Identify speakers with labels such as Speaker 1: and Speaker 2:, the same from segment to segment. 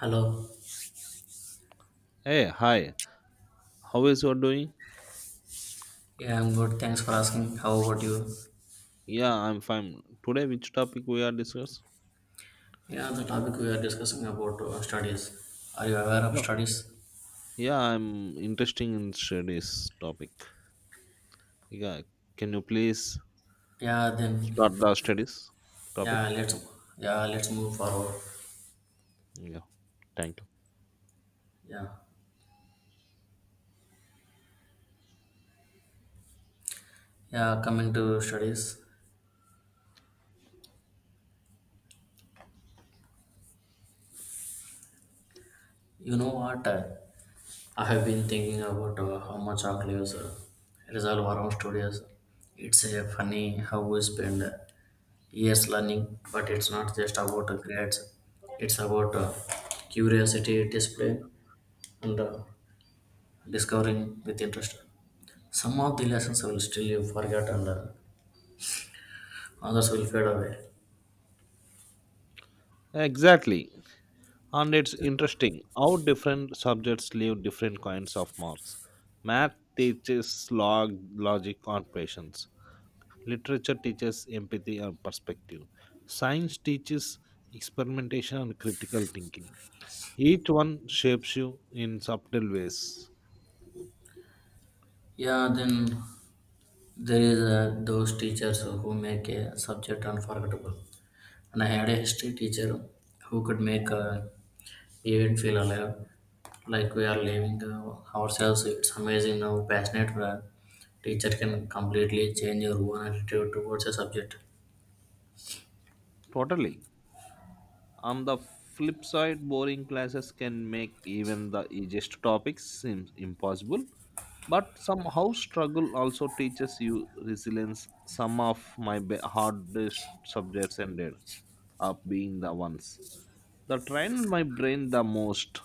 Speaker 1: Hello.
Speaker 2: Hey, hi. How is you doing?
Speaker 1: Yeah, I'm good. Thanks for asking. How about you?
Speaker 2: Yeah, I'm fine. Today, which topic we are discuss?
Speaker 1: Yeah, the topic we are discussing about studies. Are you aware of
Speaker 2: Yeah,
Speaker 1: studies?
Speaker 2: yeah, I'm interested in studies topic. Yeah, can you please
Speaker 1: Yeah, then
Speaker 2: start the studies topic?
Speaker 1: yeah, let's yeah, let's move forward.
Speaker 2: Yeah, thank you.
Speaker 1: Yeah. Yeah, coming to studies. You know what? I have been thinking about how much our lives resolve around studies. It's funny how we spend years learning, but it's not just about grades. It's about curiosity, discipline, and discovering with interest. Some of the lessons will still forget and others will fade away.
Speaker 2: Exactly, and it's interesting how different subjects leave different kinds of marks. Math teaches logic, and patience. Literature teaches empathy and perspective. Science teaches experimentation and critical thinking. Each one shapes you in subtle ways.
Speaker 1: Yeah, then there is those teachers who make a subject unforgettable. And I had a history teacher who could make even feel alive, like we are living ourselves. It's amazing how passionate a teacher can completely change your own attitude towards a subject.
Speaker 2: Totally. On the flip side, boring classes can make even the easiest topics seem impossible. But somehow, struggle also teaches you resilience. Some of my hardest subjects ended up being the ones that trained my brain the most.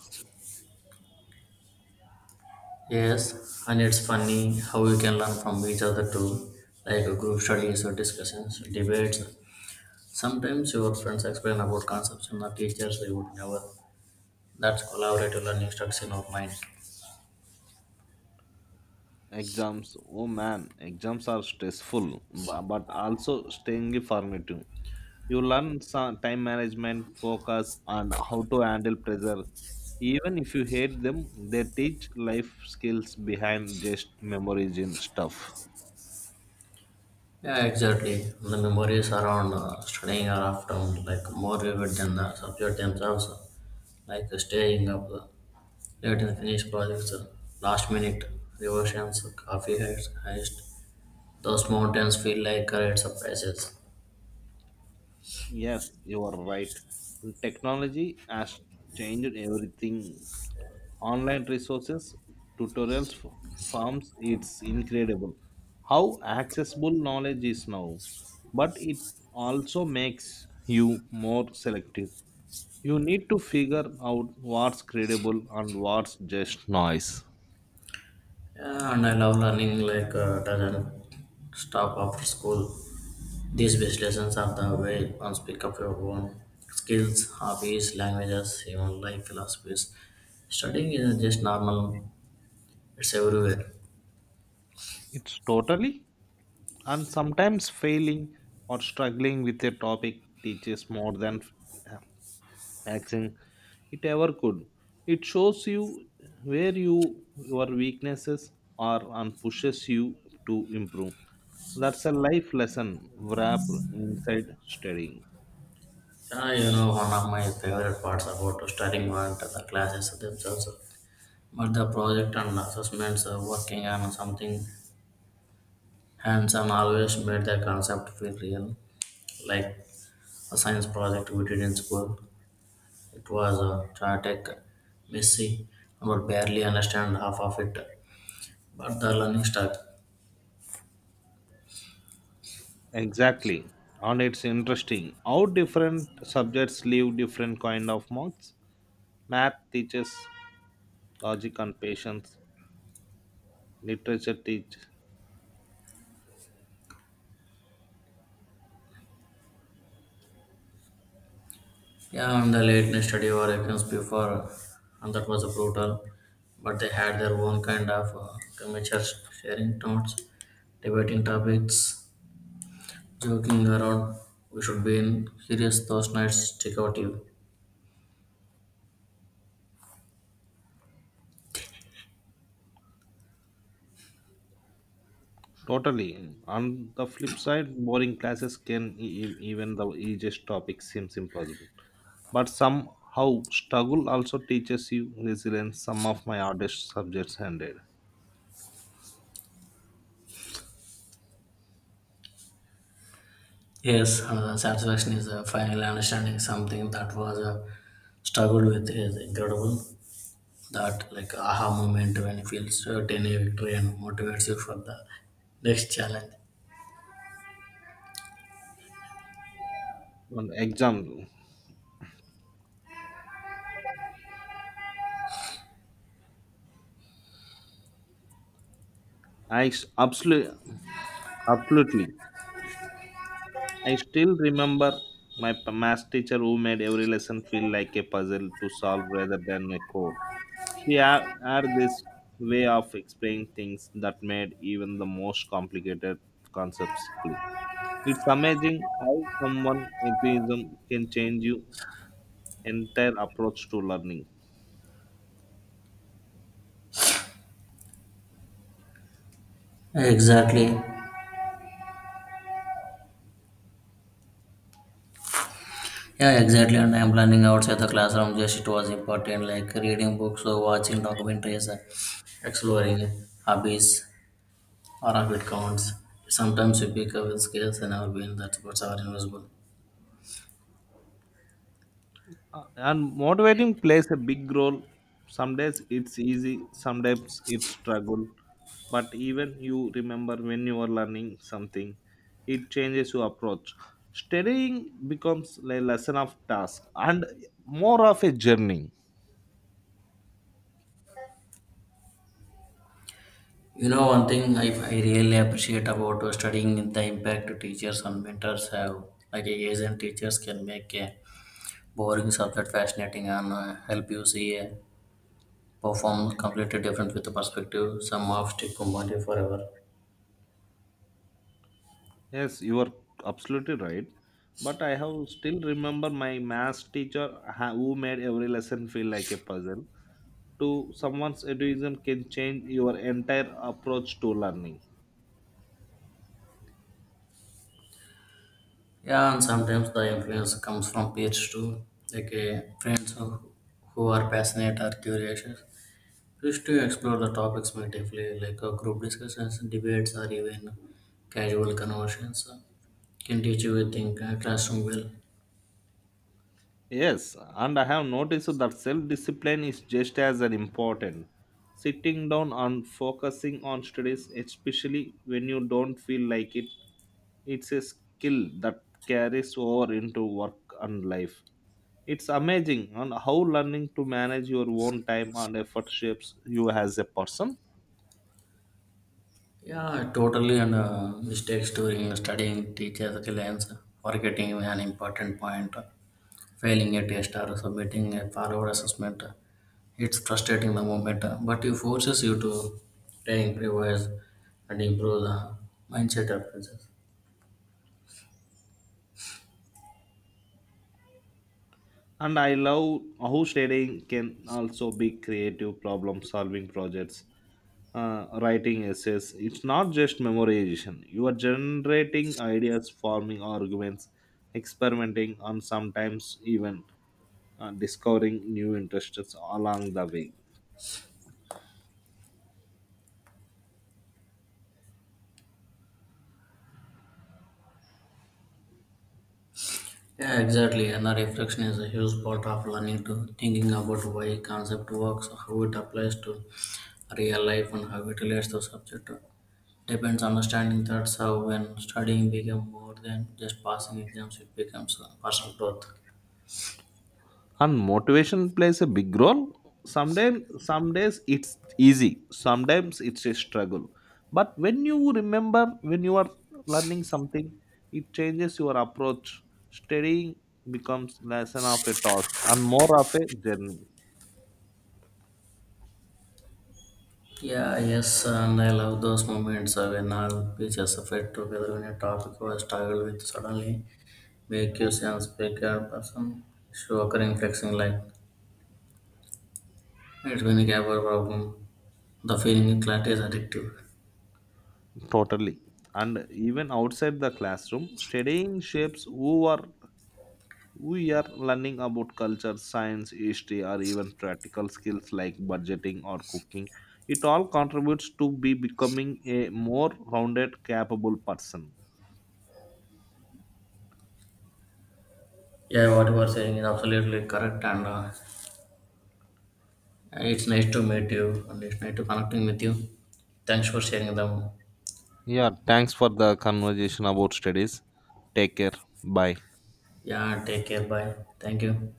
Speaker 1: Yes, and it's funny how you can learn from each other too, like group studies or discussions, debates. Sometimes your friends explain about concepts and the teachers they would never. That's collaborative learning stuck in our mind.
Speaker 2: Exams, oh man, exams are stressful, but also staying formative. You learn some time management, focus, and how to handle pressure. Even if you hate them, they teach life skills behind just memories and stuff.
Speaker 1: Yeah, exactly. The memories around studying are often like more vivid than the subject themselves, like staying up late and finish projects, last minute revisions, coffee heads, heist. Those mountains feel like great surprises.
Speaker 2: Yes, you are right. Technology has changed everything online resources, tutorials, forms. It's incredible how accessible knowledge is now, but it also makes you more selective. You need to figure out what's credible and what's just noise.
Speaker 1: Yeah, and I love learning like doesn't stop after school. These best lessons are the way once pick up your own skills, hobbies, languages, even life philosophies. Studying isn't just normal; it's everywhere.
Speaker 2: It's totally and sometimes failing or struggling with a topic teaches more than action it ever could. It shows you where your weaknesses are and pushes you to improve. That's a life lesson wrapped inside studying.
Speaker 1: Yeah, you know, one of my favorite parts about studying weren't the classes themselves, but the project and assessments. Working on something hands-on always made the concept feel real, like a science project we did in school. It was a chaotic, messy, and would barely understand half of it. But the learning stuck.
Speaker 2: Exactly. And it's interesting how different subjects leave different kind of marks. Math teaches logic and patience. Literature teach
Speaker 1: Yeah, and the late night study were exams before, and that was brutal. But they had their own kind of commentary, sharing notes, debating topics, joking around. We should be in serious those nights. Check out you.
Speaker 2: totally. On the flip side, boring classes can even the easiest topic seems impossible. But somehow struggle also teaches you resilience. Some of my hardest subjects handed
Speaker 1: Yes, satisfaction is finally understanding something that was struggled with is incredible. That like aha moment when you feel certain a victory and motivates you for the next challenge.
Speaker 2: on exam. I absolutely, absolutely. I still remember my math teacher who made every lesson feel like a puzzle to solve rather than a code. She had this way of explaining things that made even the most complicated concepts click. It's amazing how someone atheism can change your entire approach to learning.
Speaker 1: Exactly. Yeah, exactly. And I'm planning outside the classroom. Just it was important, like reading books or watching documentaries, exploring hobbies. Or if it counts, sometimes we pick up skills and our brain that supports our invisible.
Speaker 2: And motivating plays a big role. Some days it's easy, sometimes it's struggle. But even you remember when you are learning something, it changes your approach. Studying becomes a lesson of task and more of a journey.
Speaker 1: You know, one thing I really appreciate about studying the impact teachers and mentors have. Like a Asian teachers can make a boring subject fascinating and help you see a perform completely different with the perspective. Some of stick compounded forever.
Speaker 2: Yes, you are absolutely right. But I have still remember my maths teacher who made every lesson feel like a puzzle. To someone's education can change your entire approach to learning.
Speaker 1: Yeah, and sometimes the influence comes from peers too, like friends who are passionate or curious. Wish to explore the topics more deeply, like group discussions, debates, or even casual conversations. Can teach you to think classroom well.
Speaker 2: Yes, and I have noticed that self-discipline is just as an important. Sitting down and focusing on studies, especially when you don't feel like it, it's a skill that carries over into work and life. It's amazing on how learning to manage your own time and effort shapes you as a person.
Speaker 1: Yeah, totally. And mistakes during studying teach as a lens, forgetting an important point failing a test or submitting a forward assessment. It's frustrating the moment, but it forces you to think, revise, and improve the mindset approaches.
Speaker 2: And I love how studying can also be creative problem solving projects, writing essays. It's not just memorization. You are generating ideas, forming arguments, experimenting, and sometimes even discovering new interests along the way.
Speaker 1: Yeah, exactly. And the reflection is a huge part of learning to thinking about why concept works, how it applies to real life, and how it relates to subject. Depends understanding that's how when studying become more than just passing exams, it becomes personal growth.
Speaker 2: And motivation plays a big role, sometimes some days it's easy, sometimes it's a struggle, but when you remember when you are learning something, it changes your approach. Studying becomes less of a task and more of a journey
Speaker 1: Yeah, yes, and I love those moments when all pieces of it together when a topic was struggled with suddenly make you sense bigger person show occurring flexing like it's been a problem. The feeling of clarity is addictive.
Speaker 2: totally, and even outside the classroom studying shapes who are we are learning about culture, science, history, or even practical skills like budgeting or cooking. It all contributes to be becoming a more rounded, capable person.
Speaker 1: Yeah, what you are saying is absolutely correct, and it's nice to meet you and it's nice to connecting with you. Thanks for sharing them.
Speaker 2: Yeah, thanks for the conversation about studies. Take care. Bye.
Speaker 1: Yeah, take care. Bye. Thank you.